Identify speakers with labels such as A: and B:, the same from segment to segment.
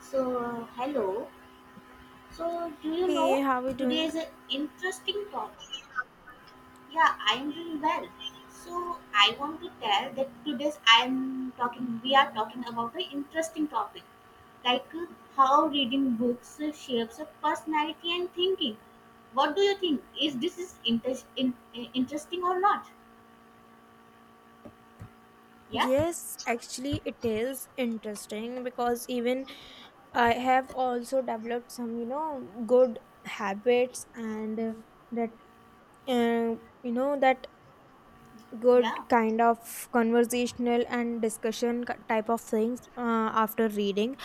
A: So, hello. So, do you
B: Hey,
A: know
B: how are we
A: today
B: doing?
A: is an interesting topic? Yeah, I'm doing well. So, I want to tell that today's I'm talking. We are talking about an interesting topic, like how reading books shapes a personality and thinking. What do you think? Is this interesting or not? Yeah,
B: Yes, actually, it is interesting because even I have also developed some, you know, good habits and that, uh, you know, that good
A: yeah,
B: kind of conversational and discussion type of things after reading.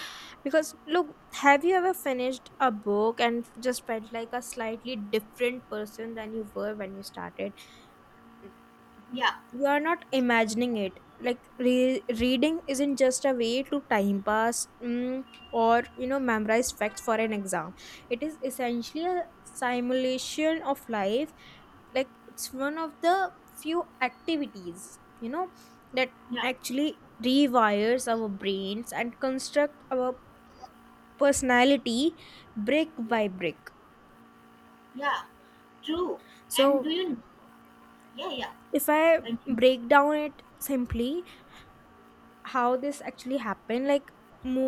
B: Because, look, have you ever finished a book and just felt like a slightly different person than you were when you started?
A: yeah,
B: You are not imagining it. Like reading isn't just a way to time pass, or you know memorize facts for an exam. It is essentially a simulation of life. Like it's one of the few activities, you know, that
A: yeah,
B: actually rewires our brains and construct our personality brick
A: yeah,
B: by brick.
A: yeah. True. And do
B: So
A: you? Yeah, yeah.
B: if I
A: Continue.
B: break down it simply how this actually happened, like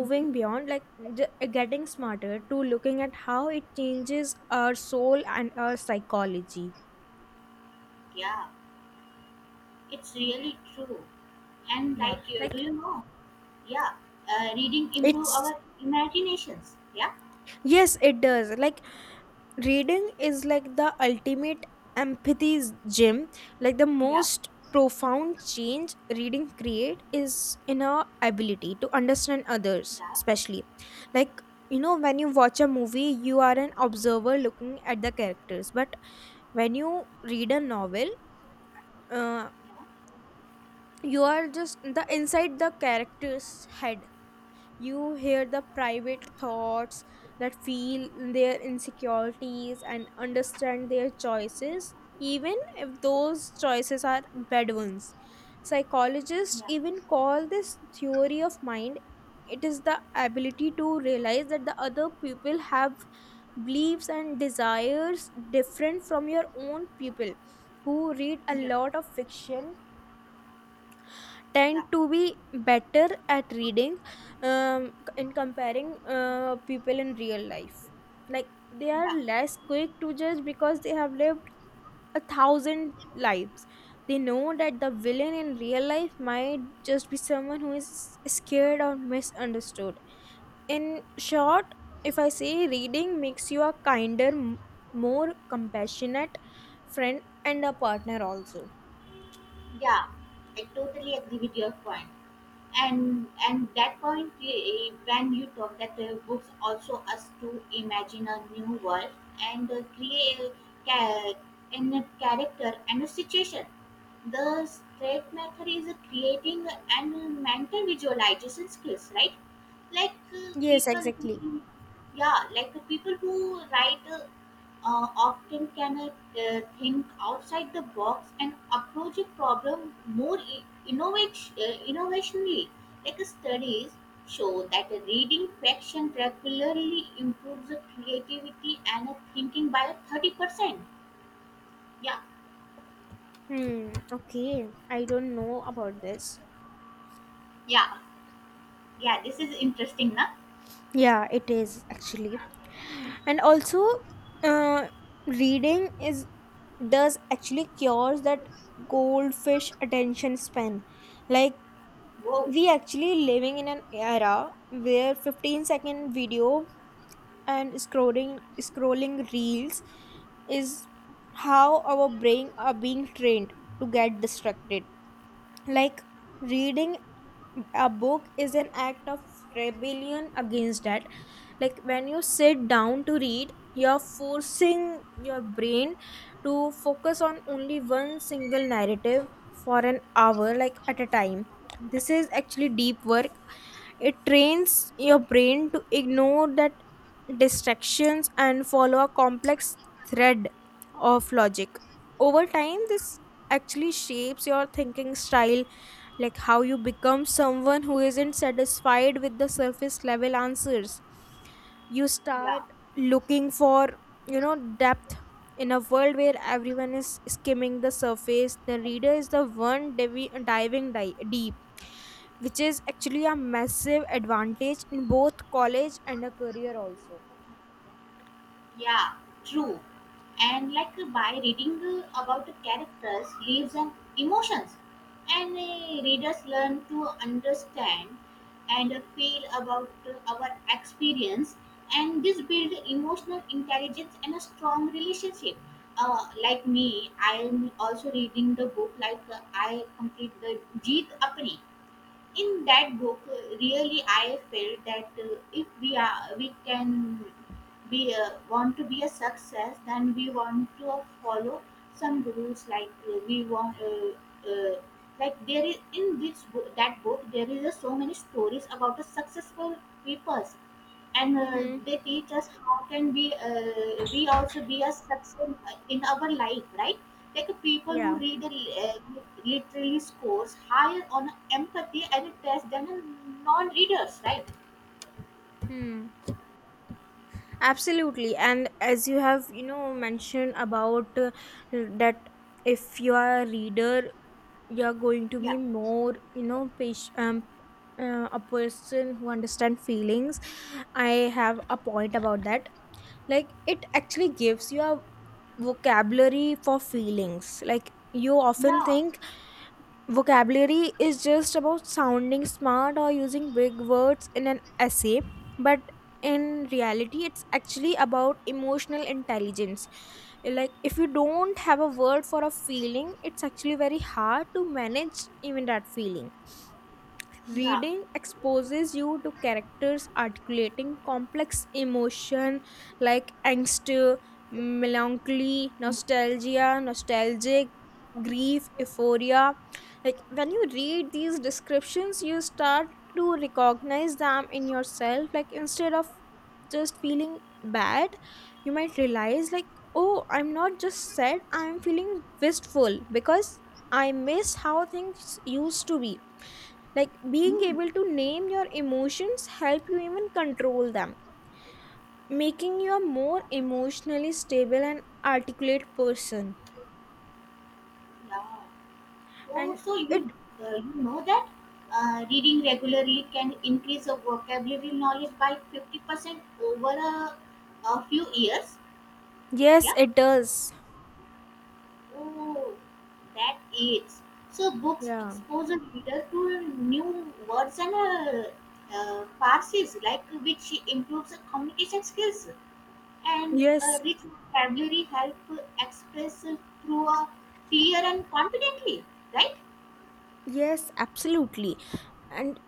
A: Mhm.
B: beyond like getting smarter to looking at how it changes our soul and our psychology.
A: Yeah. It's really true. And like,
B: Yeah.
A: do
B: Like
A: you know? Yeah, reading improve
B: it's
A: our imaginations. Yeah,
B: yes it does. Like reading is like the ultimate empathy gym. Like the
A: yeah,
B: most profound change reading create is in our ability to understand others,
A: yeah,
B: especially like you know when you watch a movie you are an observer looking at the characters, but when you read a novel, uh,
A: yeah,
B: you are just the inside the character's head. You hear the private thoughts, that feel their insecurities and understand their choices even if those choices are bad ones. Psychologists
A: yeah,
B: even call this theory of mind. It is the ability to realize that the other people have beliefs and desires different from your own. People who read a
A: yeah,
B: lot of fiction
A: yeah,
B: tend to be better at reading, in comparing people in real life. Like they are
A: yeah,
B: less quick to judge because they have lived a thousand lives. They know that the villain in real life might just be someone who is scared or misunderstood. In short, if I say, reading makes you a kinder, more compassionate friend and a partner also.
A: yeah. I totally agree with your point, and that point, when you talk that books also us to imagine a new world and create a ca- in a character and a situation. The straight method is creating and mental visualization skills, right? Like,
B: Yes,
A: people
B: exactly.
A: who, yeah, like, people who write, often can, think outside the box and approach a problem more innovationally. Like, studies show that reading fiction regularly improves the creativity and thinking by 30%. Yeah,
B: Hmm, okay. I don't know about this.
A: yeah, yeah, this is interesting, na?
B: Yeah, it is actually. And also, uh, reading is does actually cures that goldfish attention span. Like
A: Whoa,
B: we actually living in an era where 15-second video and scrolling reels is how our brain are being trained to get distracted. Like reading a book is an act of rebellion against that. Like when you sit down to read, you're forcing your brain to focus on only one single narrative for an hour like at a time. This is actually deep work. It trains your brain to ignore that distractions and follow a complex thread of logic. Over time, this actually shapes your thinking style, like how you become someone who isn't satisfied with the surface level answers. You
A: yeah.
B: start looking for, you know, depth in a world where everyone is skimming the surface. The reader is the one diving deep, which is actually a massive advantage in both college and a career, also.
A: Yeah, true. And like, by reading about the characters, lives, and emotions, and readers learn to understand and feel about our experience, and this build emotional intelligence and a strong relationship. Like me, I am also reading the book. Like, I complete the Jeet Apni. In that book, really I felt that if we can, want to be a success, then we want to follow some rules like, we want, uh, like there is in this book, that book there is a so many stories about the successful people, and
B: Mm-hmm.
A: they teach us how can we, we also be a success in our life, right? Like people who
B: Yeah.
A: read literally scores higher on empathy and a test than a non-readers, right?
B: Hmm. Absolutely. And as you have, you know, mentioned about that if you are a reader, you're going to be
A: Yeah,
B: more, you know, patient, a person who understand feelings. I have a point about that. Like it actually gives you a vocabulary for feelings. Like you often
A: yeah,
B: think vocabulary is just about sounding smart or using big words in an essay, but in reality, it's actually about emotional intelligence. Like, if you don't have a word for a feeling, it's actually very hard to manage even that feeling.
A: yeah,
B: Reading exposes you to characters articulating complex emotion like angst, melancholy, nostalgia, nostalgic, grief, euphoria. Like when you read these descriptions, you start to recognize them in yourself. Like instead of just feeling bad, you might realize like, oh, I'm not just sad, I'm feeling wistful because I miss how things used to be. Like being
A: mm-hmm.
B: able to name your emotions help you even control them, making you a more emotionally stable and articulate person
A: Yeah. Oh,
B: and
A: so you,
B: it
A: you know that reading regularly can increase your vocabulary knowledge by 50% over a few years.
B: yes
A: Yeah.
B: it does.
A: Oh, that is. So books
B: Yeah,
A: expose a reader to new words and, uh, phrases, like which improves the communication skills, and a
B: yes,
A: rich vocabulary help express through a clear and confidently, right?
B: yes, absolutely. And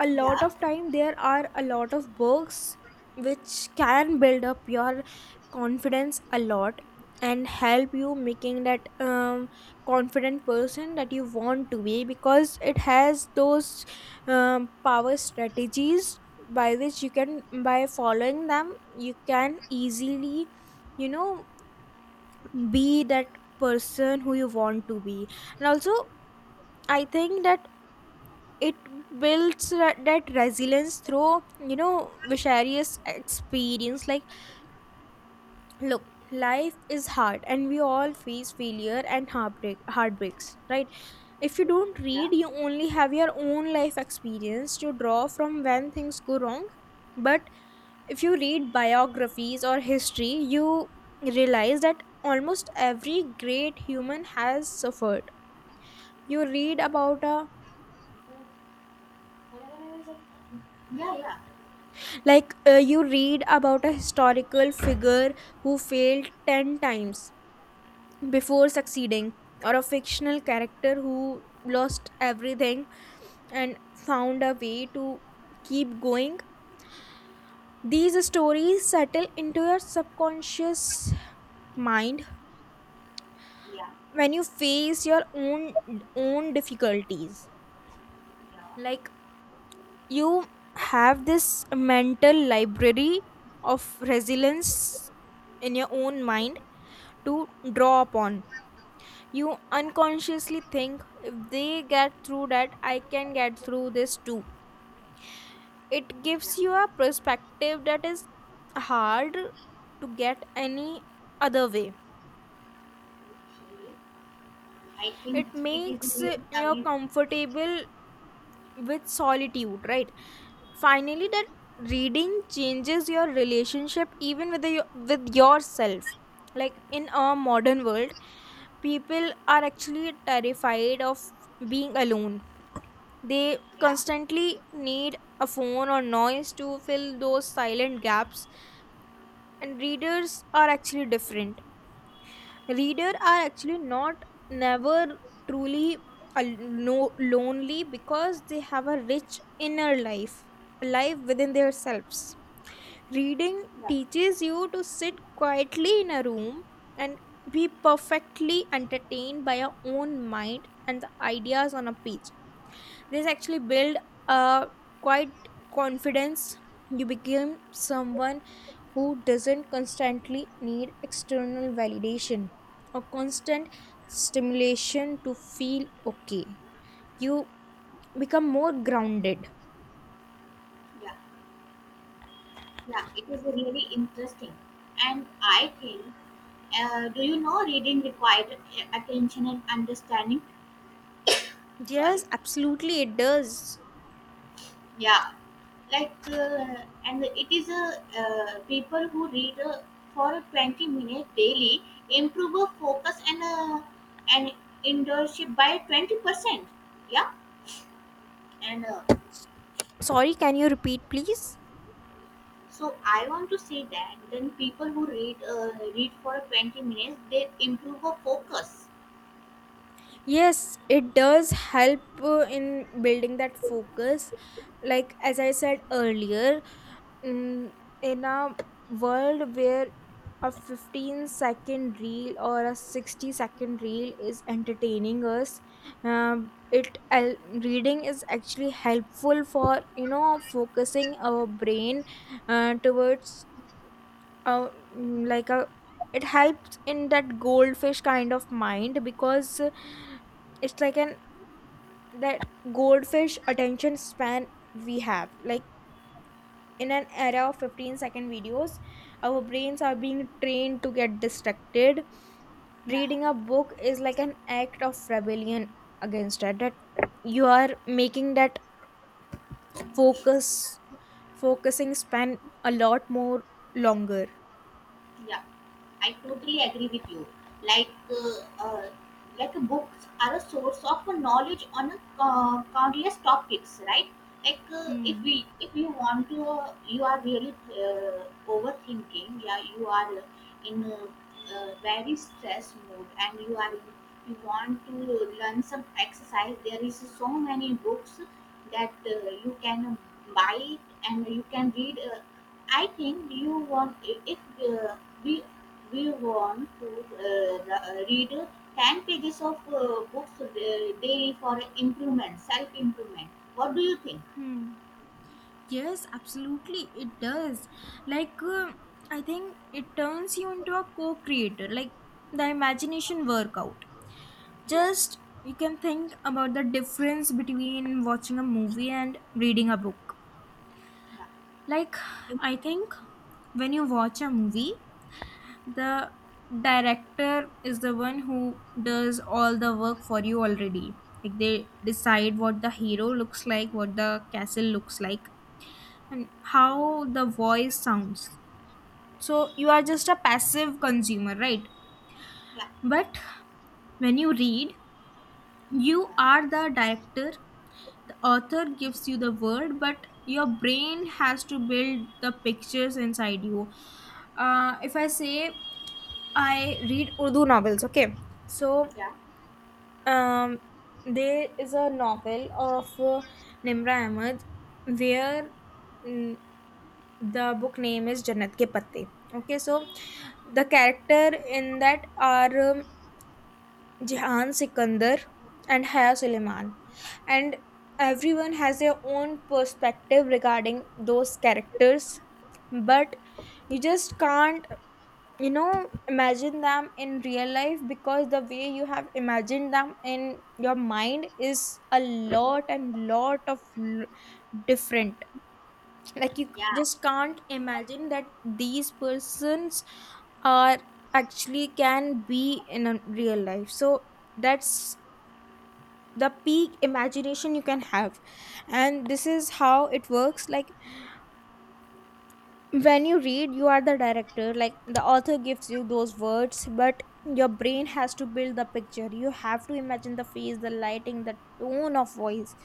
B: a lot
A: Yeah,
B: of time there are a lot of books which can build up your confidence a lot and help you making that confident person that you want to be because it has those power strategies by which you can by following them you can easily, you know, be that person who you want to be. And also I think that it builds that resilience through, you know, various experience. Like look, life is hard and we all face failure and heartbreak heartbreaks, right? If you don't
A: yeah,
B: read you only have your own life experience to draw from when things go wrong, but if you read biographies or history you realize that almost every great human has suffered. You read about a
A: yeah, yeah,
B: like you read about a historical figure who failed 10 times before succeeding, or a fictional character who lost everything and found a way to keep going. These stories settle into your subconscious mind
A: yeah,
B: when you face your own difficulties.
A: yeah,
B: Like you have this mental library of resilience in your own mind to draw upon. You
A: yeah,
B: unconsciously think, if they get through that, I can get through this too. It
A: yeah.
B: gives you a perspective that is hard to get any other way.
A: Okay. I think
B: It
A: it is
B: makes
A: really
B: you
A: amazing.
B: comfortable with solitude, right? Finally, that reading changes your relationship even with yourself. Like in a modern world, people are actually terrified of being alone. They
A: Yeah,
B: constantly need a phone or noise to fill those silent gaps, and readers are actually different. Reader are actually not never truly no, lonely because they have a rich inner life, a life within themselves. Reading teaches you to sit quietly in a room and be perfectly entertained by your own mind and the ideas on a page. This actually build a quite confidence. You become someone who doesn't constantly need external validation or constant stimulation to feel okay. You become more grounded.
A: yeah, yeah. It is really interesting, and I think, do you know reading required attention and understanding? Sorry.
B: Yes, absolutely, it does.
A: Yeah. Like, and it is a people who read for 20 minutes daily improve a focus and endurance by 20%. Yeah. And,
B: Sorry, can you repeat, please?
A: so I want to say that then people who read for 20 minutes, they improve a focus.
B: Yes, it does help in building that focus. Like, as I said earlier, mm, in a world where a 15-second reel or a 60-second reel is entertaining us, um, it el- reading is actually helpful for you know focusing our brain towards uh, like a it helps in that goldfish kind of mind because it's like an that goldfish attention span we have like in an era of 15-second videos our brains are being trained to get distracted.
A: Yeah.
B: Reading a book is like an act of rebellion against that you are making that focus focusing span a lot more longer.
A: Yeah, I totally agree with you. Like, uh, uh, like, books are a source of knowledge on countless topics, right? Like, if we if you want to, you are really, overthinking. Yeah, you are, in a very stress mode, and you want to learn some exercise. There is so many books that you can buy it, and you can read, I think, you want if, uh, we we want to, read 10 pages of books daily for improvement, self improvement. What do you think?
B: Hmm. Yes, absolutely, it does. Like, I think it turns you into a co creator, like the imagination workout.
A: Yeah,
B: Just you can think about the difference between watching a movie and reading a book.
A: yeah,
B: Like, I
A: really?
B: think when you watch a movie, the director is the one who does all the work for you already. Like, they decide what the hero looks like, what the castle looks like, and how the voice sounds. So, you are just a passive consumer, right?
A: Yeah,
B: But when you read, you
A: yeah,
B: are the director. The author gives you the word but your brain has to build the pictures inside you. If I say I read Urdu novels, okay, so
A: yeah,
B: um, there is a novel of Nimra Ahmed where, mm, the book name is Jannat Ke Patte, okay. So the character in that are, Jihan Sikandar and Haya Suleiman. And everyone has their own perspective regarding those characters, but you just can't, you know, imagine them in real life because the way you have imagined them in your mind is a lot and lot of l- different. Like you
A: yeah,
B: just can't imagine that these persons are actually can be in a real life. So that's the peak imagination you can have. And this is how it works. Like when you read you are the director, like the author gives you those words but your brain has to build the picture. You have to imagine the face, the lighting, the tone of voice.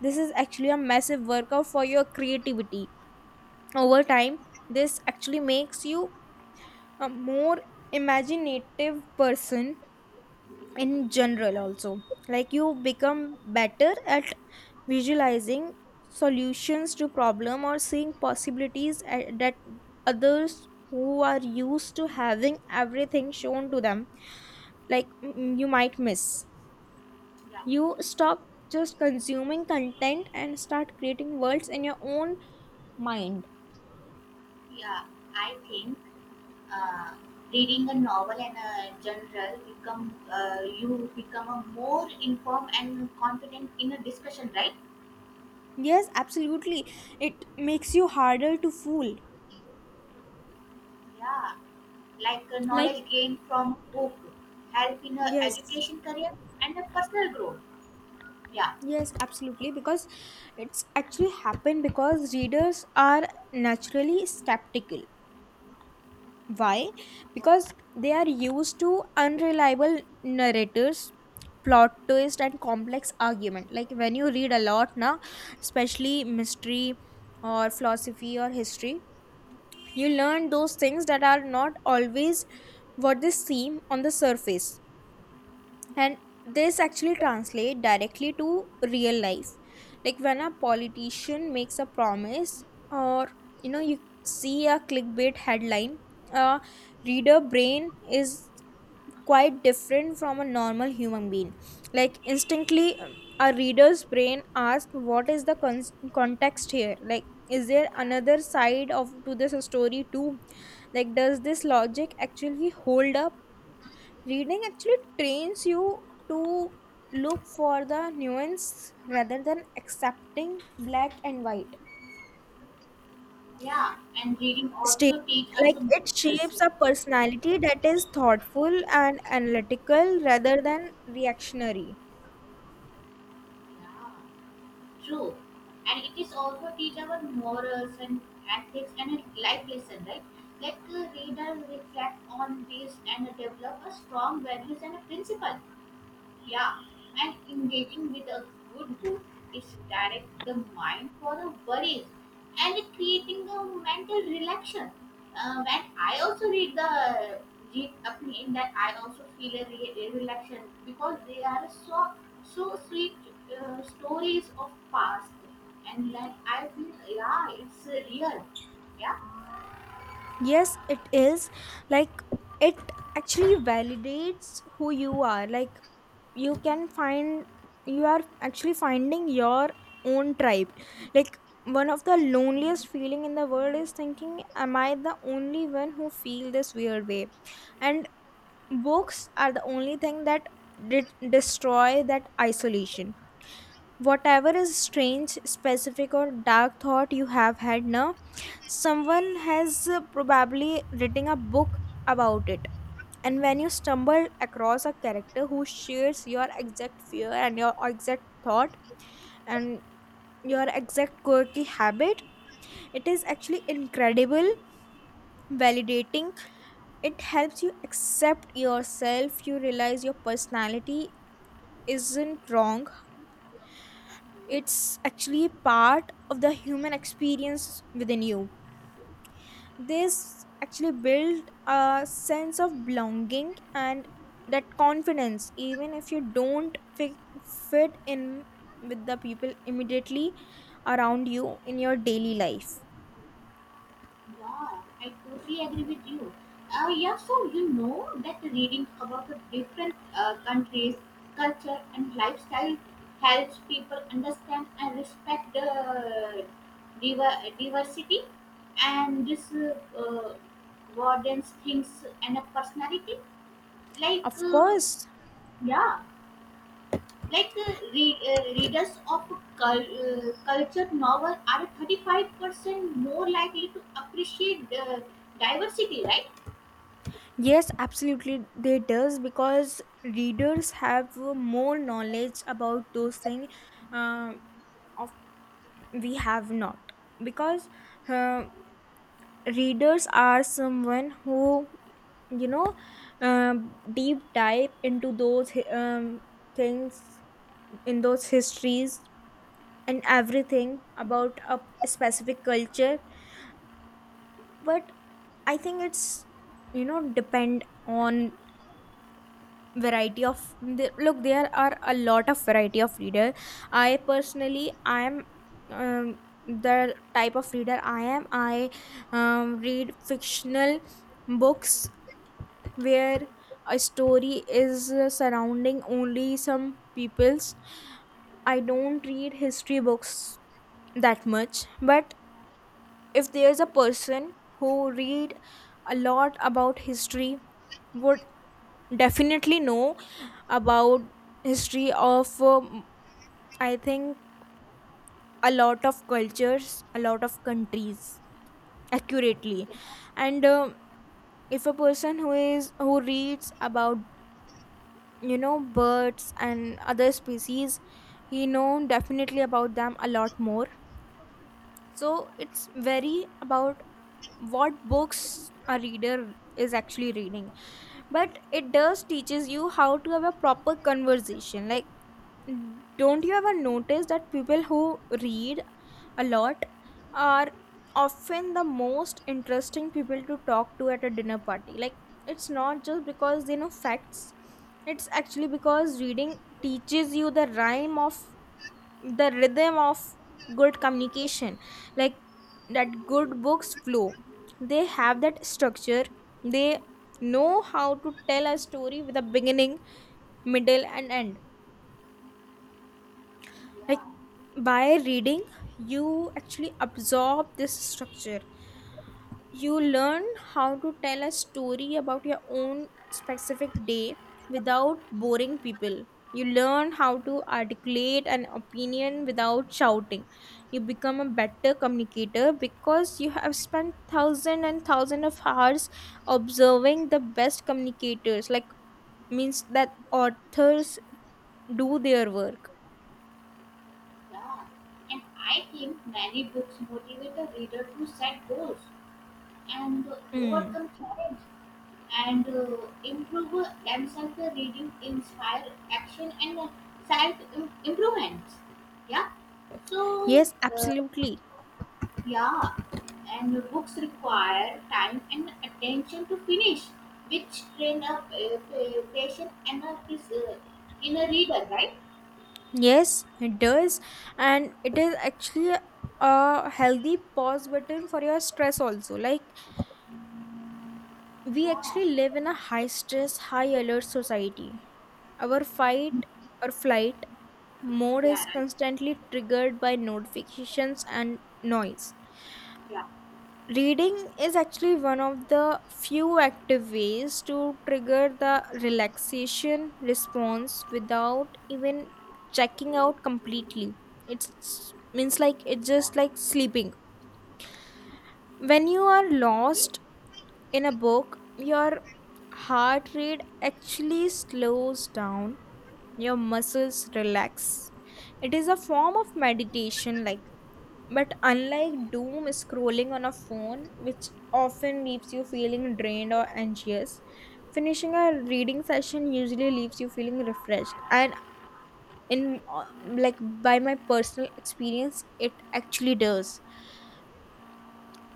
B: This is actually a massive workout for your creativity. Over time, this actually makes you a more imaginative person in general also. Like you become better at visualizing solutions to problem or seeing possibilities that others who are used to having everything shown to them like, you might miss.
A: yeah,
B: You stop just consuming content and start creating worlds in your own mind.
A: yeah. I think uh, reading a novel and a general, become you become a more informed and confident in a discussion, right?
B: Yes, absolutely. It makes you harder to fool.
A: Yeah. Like,
B: Like,
A: knowledge gained from book help in a
B: yes,
A: education career and a personal growth. Yeah,
B: yes, absolutely. Because it's actually happened because readers are naturally skeptical. Why? Because they are used to unreliable narrators, plot twist, and complex argument. Like when you read a lot now, especially mystery or philosophy or history, you learn those things that are not always what they seem on the surface, and this actually translate directly to real life, like when a politician makes a promise or you see a clickbait headline. A reader brain is quite different from a normal human being, like instantly, a reader's brain asks, what is the context here, like is there
A: yeah,
B: another side of to this story too, like does this logic actually hold up? Reading actually trains you to look for the nuance rather than accepting black and white
A: yeah. And reading
B: statement.
A: also teach us
B: Like
A: a more
B: it
A: self.
B: shapes a personality that is thoughtful and analytical rather than reactionary.
A: Yeah, true. And it is also teach our morals and ethics and a life lesson, right? Let the reader reflect on this and develop a strong values and a principle. Yeah, and engaging with a good book is direct the mind for the worries and creating a mental relaxation. When I also read the Jeet Apne, that I also feel a relaxation because they are so so sweet stories of past, and then I feel, yeah, it's real. Yeah.
B: Yes, it is. Like it actually validates who you are, like you can find, you are actually finding your own tribe. Like one of the loneliest feeling in the world is thinking, am I the only one who feel this weird way? And books are the only thing that did destroy that isolation. Whatever is strange, specific or dark thought you have had now, someone has probably written a book about it. And when you stumble across a character who shares your exact fear and your exact thought and your exact quirky habit, it is actually incredible validating. It helps you accept yourself, you realize your personality isn't wrong, it's actually part of the human experience within you. This actually build a sense of belonging and that confidence, even if you don't fit in with the people immediately around you in your daily life.
A: Yeah, I totally agree with you. Yeah, so you know that reading about the different countries, culture, and lifestyle helps people understand and respect the diversity, and this broadens things and a personality. Like,
B: Of course.
A: yeah, like, readers of culture novel are 35% more likely to appreciate, diversity, right?
B: Yes, absolutely, they does, because readers have more knowledge about those things. Uh, of We have not, because uh, readers are someone who, you know deep dive into those things, in those histories and everything about a specific culture. But I think it's, depend on variety of look, there are a lot of variety of reader. I personally, I am, um, the type of reader I am, I, read fictional books where a story is surrounding only some peoples. I don't read history books that much, but if there's a person who read a lot about history, would definitely know about history of, I think, a lot of cultures, a lot of countries accurately. And if a person who reads about birds and other species, he know definitely about them a lot more. So it's very about what books a reader is actually reading. But it does teaches you how to have a proper conversation. Like don't you ever notice that people who read a lot are often the most interesting people to talk to at a dinner party? Like it's not just because they know facts, it's actually because reading teaches you the rhyme of the rhythm of good communication. Like that good books flow, they have that structure, they know how to tell a story with a beginning, middle and end. Like by reading you actually absorb this structure, you learn how to tell a story about your own specific day without boring people, you learn how to articulate an opinion without shouting. You become a better communicator because you have spent thousand and thousand of hours observing the best communicators, like means that authors do their work.
A: Yeah, and I think many books motivate the reader to set goals and
B: Mm.
A: overcome challenge and improve themselves. The reading inspire action and self improvements. Yeah. So,
B: Yes,
A: uh,
B: absolutely.
A: yeah, and the books require time and attention to finish, which train up, patient and in a reader, right?
B: Yes, it does. And it is actually a healthy pause button for your stress also. Like we
A: Yeah,
B: actually live in a high stress, high alert society. Our fight or flight mode
A: yeah,
B: is
A: right.
B: constantly triggered by notifications and noise.
A: Yeah.
B: Reading is actually one of the few active ways to trigger the relaxation response without even checking out completely. It's means like it's just like sleeping. When you are
A: Okay.
B: lost in a book, your heart rate actually slows down, your muscles relax. It is a form of meditation, like but unlike doom scrolling on a phone, which often leaves you feeling drained or anxious, finishing a reading session usually leaves you feeling refreshed. And in, like by my personal experience, it actually does.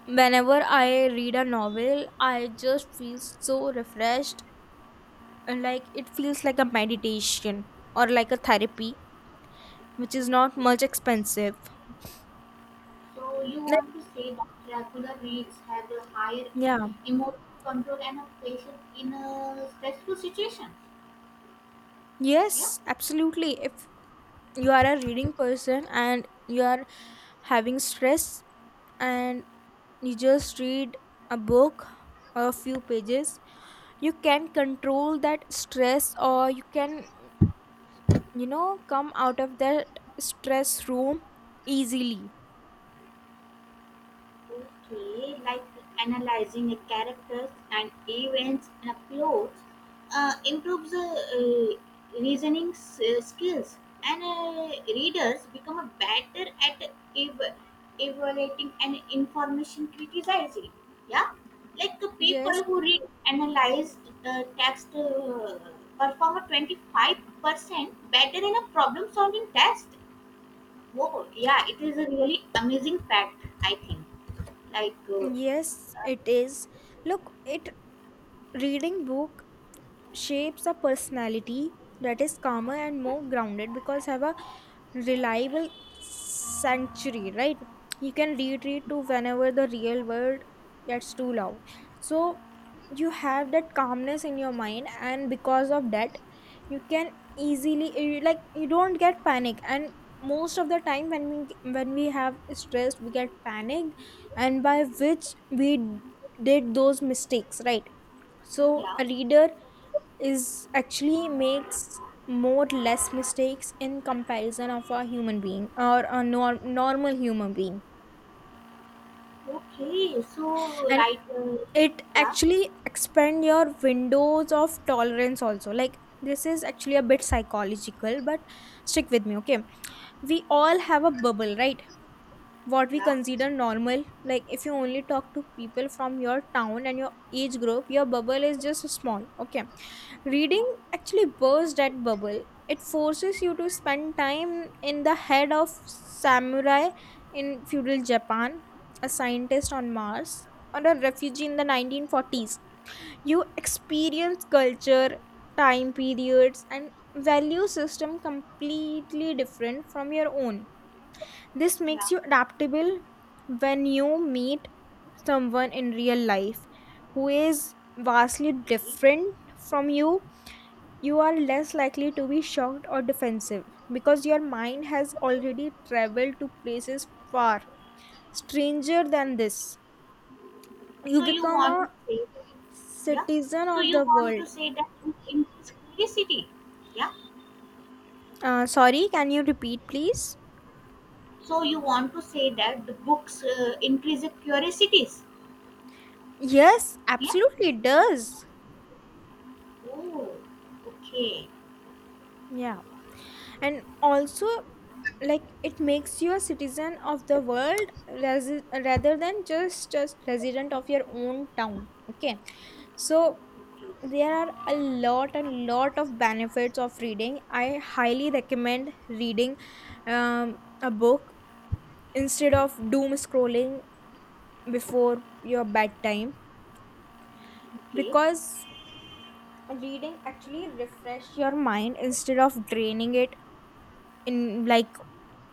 B: Whenever I read a novel, I just feel so refreshed, and like it feels like a meditation or like a therapy, which is not much expensive.
A: So you
B: Like,
A: want to say that regular reads have a higher,
B: yeah.
A: emotional control and a patient in a stressful situation? Yeah.
B: Yes, absolutely. If you are a reading person and you are having stress and you just read a book a few pages, you can control that stress, or you can, come out of that stress room easily.
A: Okay, like analyzing a characters and events in a plot improves the reasoning skills, and readers become a better at ev- evaluating and information criticizing. Yeah, like the people
B: Yes,
A: who read analyze the text perform a 25% better in a problem solving test. Whoa, yeah, it is a really amazing fact, I think. Like,
B: yes
A: uh,
B: it is. Look, it, reading book shapes a personality that is calmer and more grounded because have a reliable sanctuary, right? You can retreat to whenever the real world gets too loud. So you have that calmness in your mind, and because of that, you can easily like you don't get panic. And most of the time, when we have stress, we get panicked, and by which we did those mistakes, right? So
A: yeah,
B: a reader is actually makes more less mistakes in comparison of a human being or a normal human being.
A: okay. So,
B: And
A: right,
B: it
A: yeah,
B: actually expand your windows of tolerance also, like this is actually a bit psychological, but stick with me, okay? We all have a bubble, right? What we
A: yeah,
B: consider normal, like if you only talk to people from your town and your age group, your bubble is just small, okay? Reading actually bursts that bubble. It forces you to spend time in the head of samurai in feudal Japan, a scientist on Mars, or a refugee in the 1940s. You experience culture, time periods and value system completely different from your own. This
A: yeah,
B: makes you adaptable when you meet someone in real life who is vastly
A: okay.
B: different from you. You are less likely to be shocked or defensive because your mind has already traveled to places far stranger than this. You
A: So you
B: become
A: want to
B: a
A: say, yeah.
B: citizen
A: So
B: of
A: you
B: the
A: want to
B: world.
A: say that book increase curiosity, yeah.
B: Sorry, can you repeat, please?
A: So you want to say that the books increase the curiosities,
B: Yes,
A: yeah.
B: absolutely, it does.
A: Oh, okay,
B: Yeah. And also, like it makes you a citizen of the world, rather than just resident of your own town. Okay, so there are a lot and lot of benefits of reading. I highly recommend reading, a book instead of doom scrolling before your bedtime,
A: okay,
B: because reading actually refresh your mind instead of draining it, in like,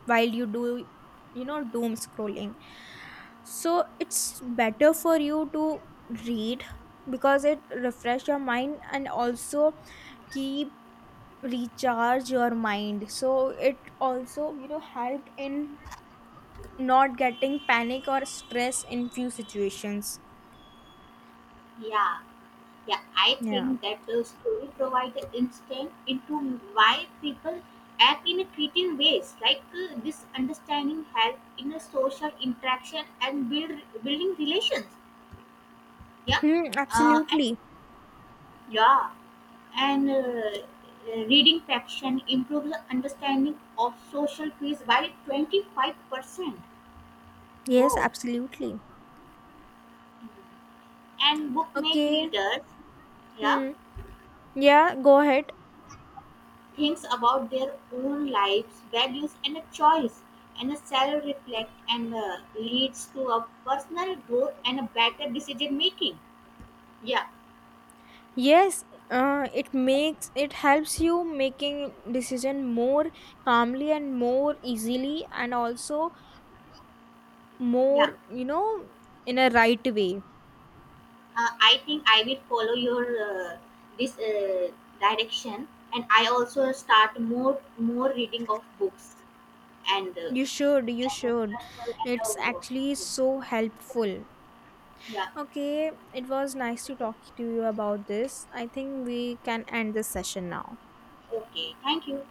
B: while you do, doom scrolling. So it's better for you to read because it refresh your mind and also keep recharge your mind, so it also, helped in not getting panic or stress in few situations.
A: yeah. Yeah, I
B: Yeah.
A: think that the story provides the instant into why people act in a creative ways. Like, this understanding help in a social interaction and building relations. Yeah,
B: Hmm,
A: and
B: absolutely.
A: yeah, and reading fraction improves the understanding of social cues by 25%.
B: Yes,
A: Wow,
B: absolutely.
A: and book make
B: Okay.
A: readers. Yeah,
B: Hmm. Yeah, go ahead.
A: thinks about their own lives, values, and a choice, and a self reflect and leads to a personal growth and a better decision making. Yeah,
B: Yes, it makes it helps you making decision more calmly and more easily, and also
A: yeah.
B: more, you know, in a right way.
A: I think I will follow your, this, direction, and I also start more reading of books and,
B: You should, you should.
A: and, uh, and,
B: It's
A: uh,
B: actually so helpful.
A: yeah.
B: Okay, it was nice to talk to you about this. I think we can end this session now.
A: Okay. Thank you.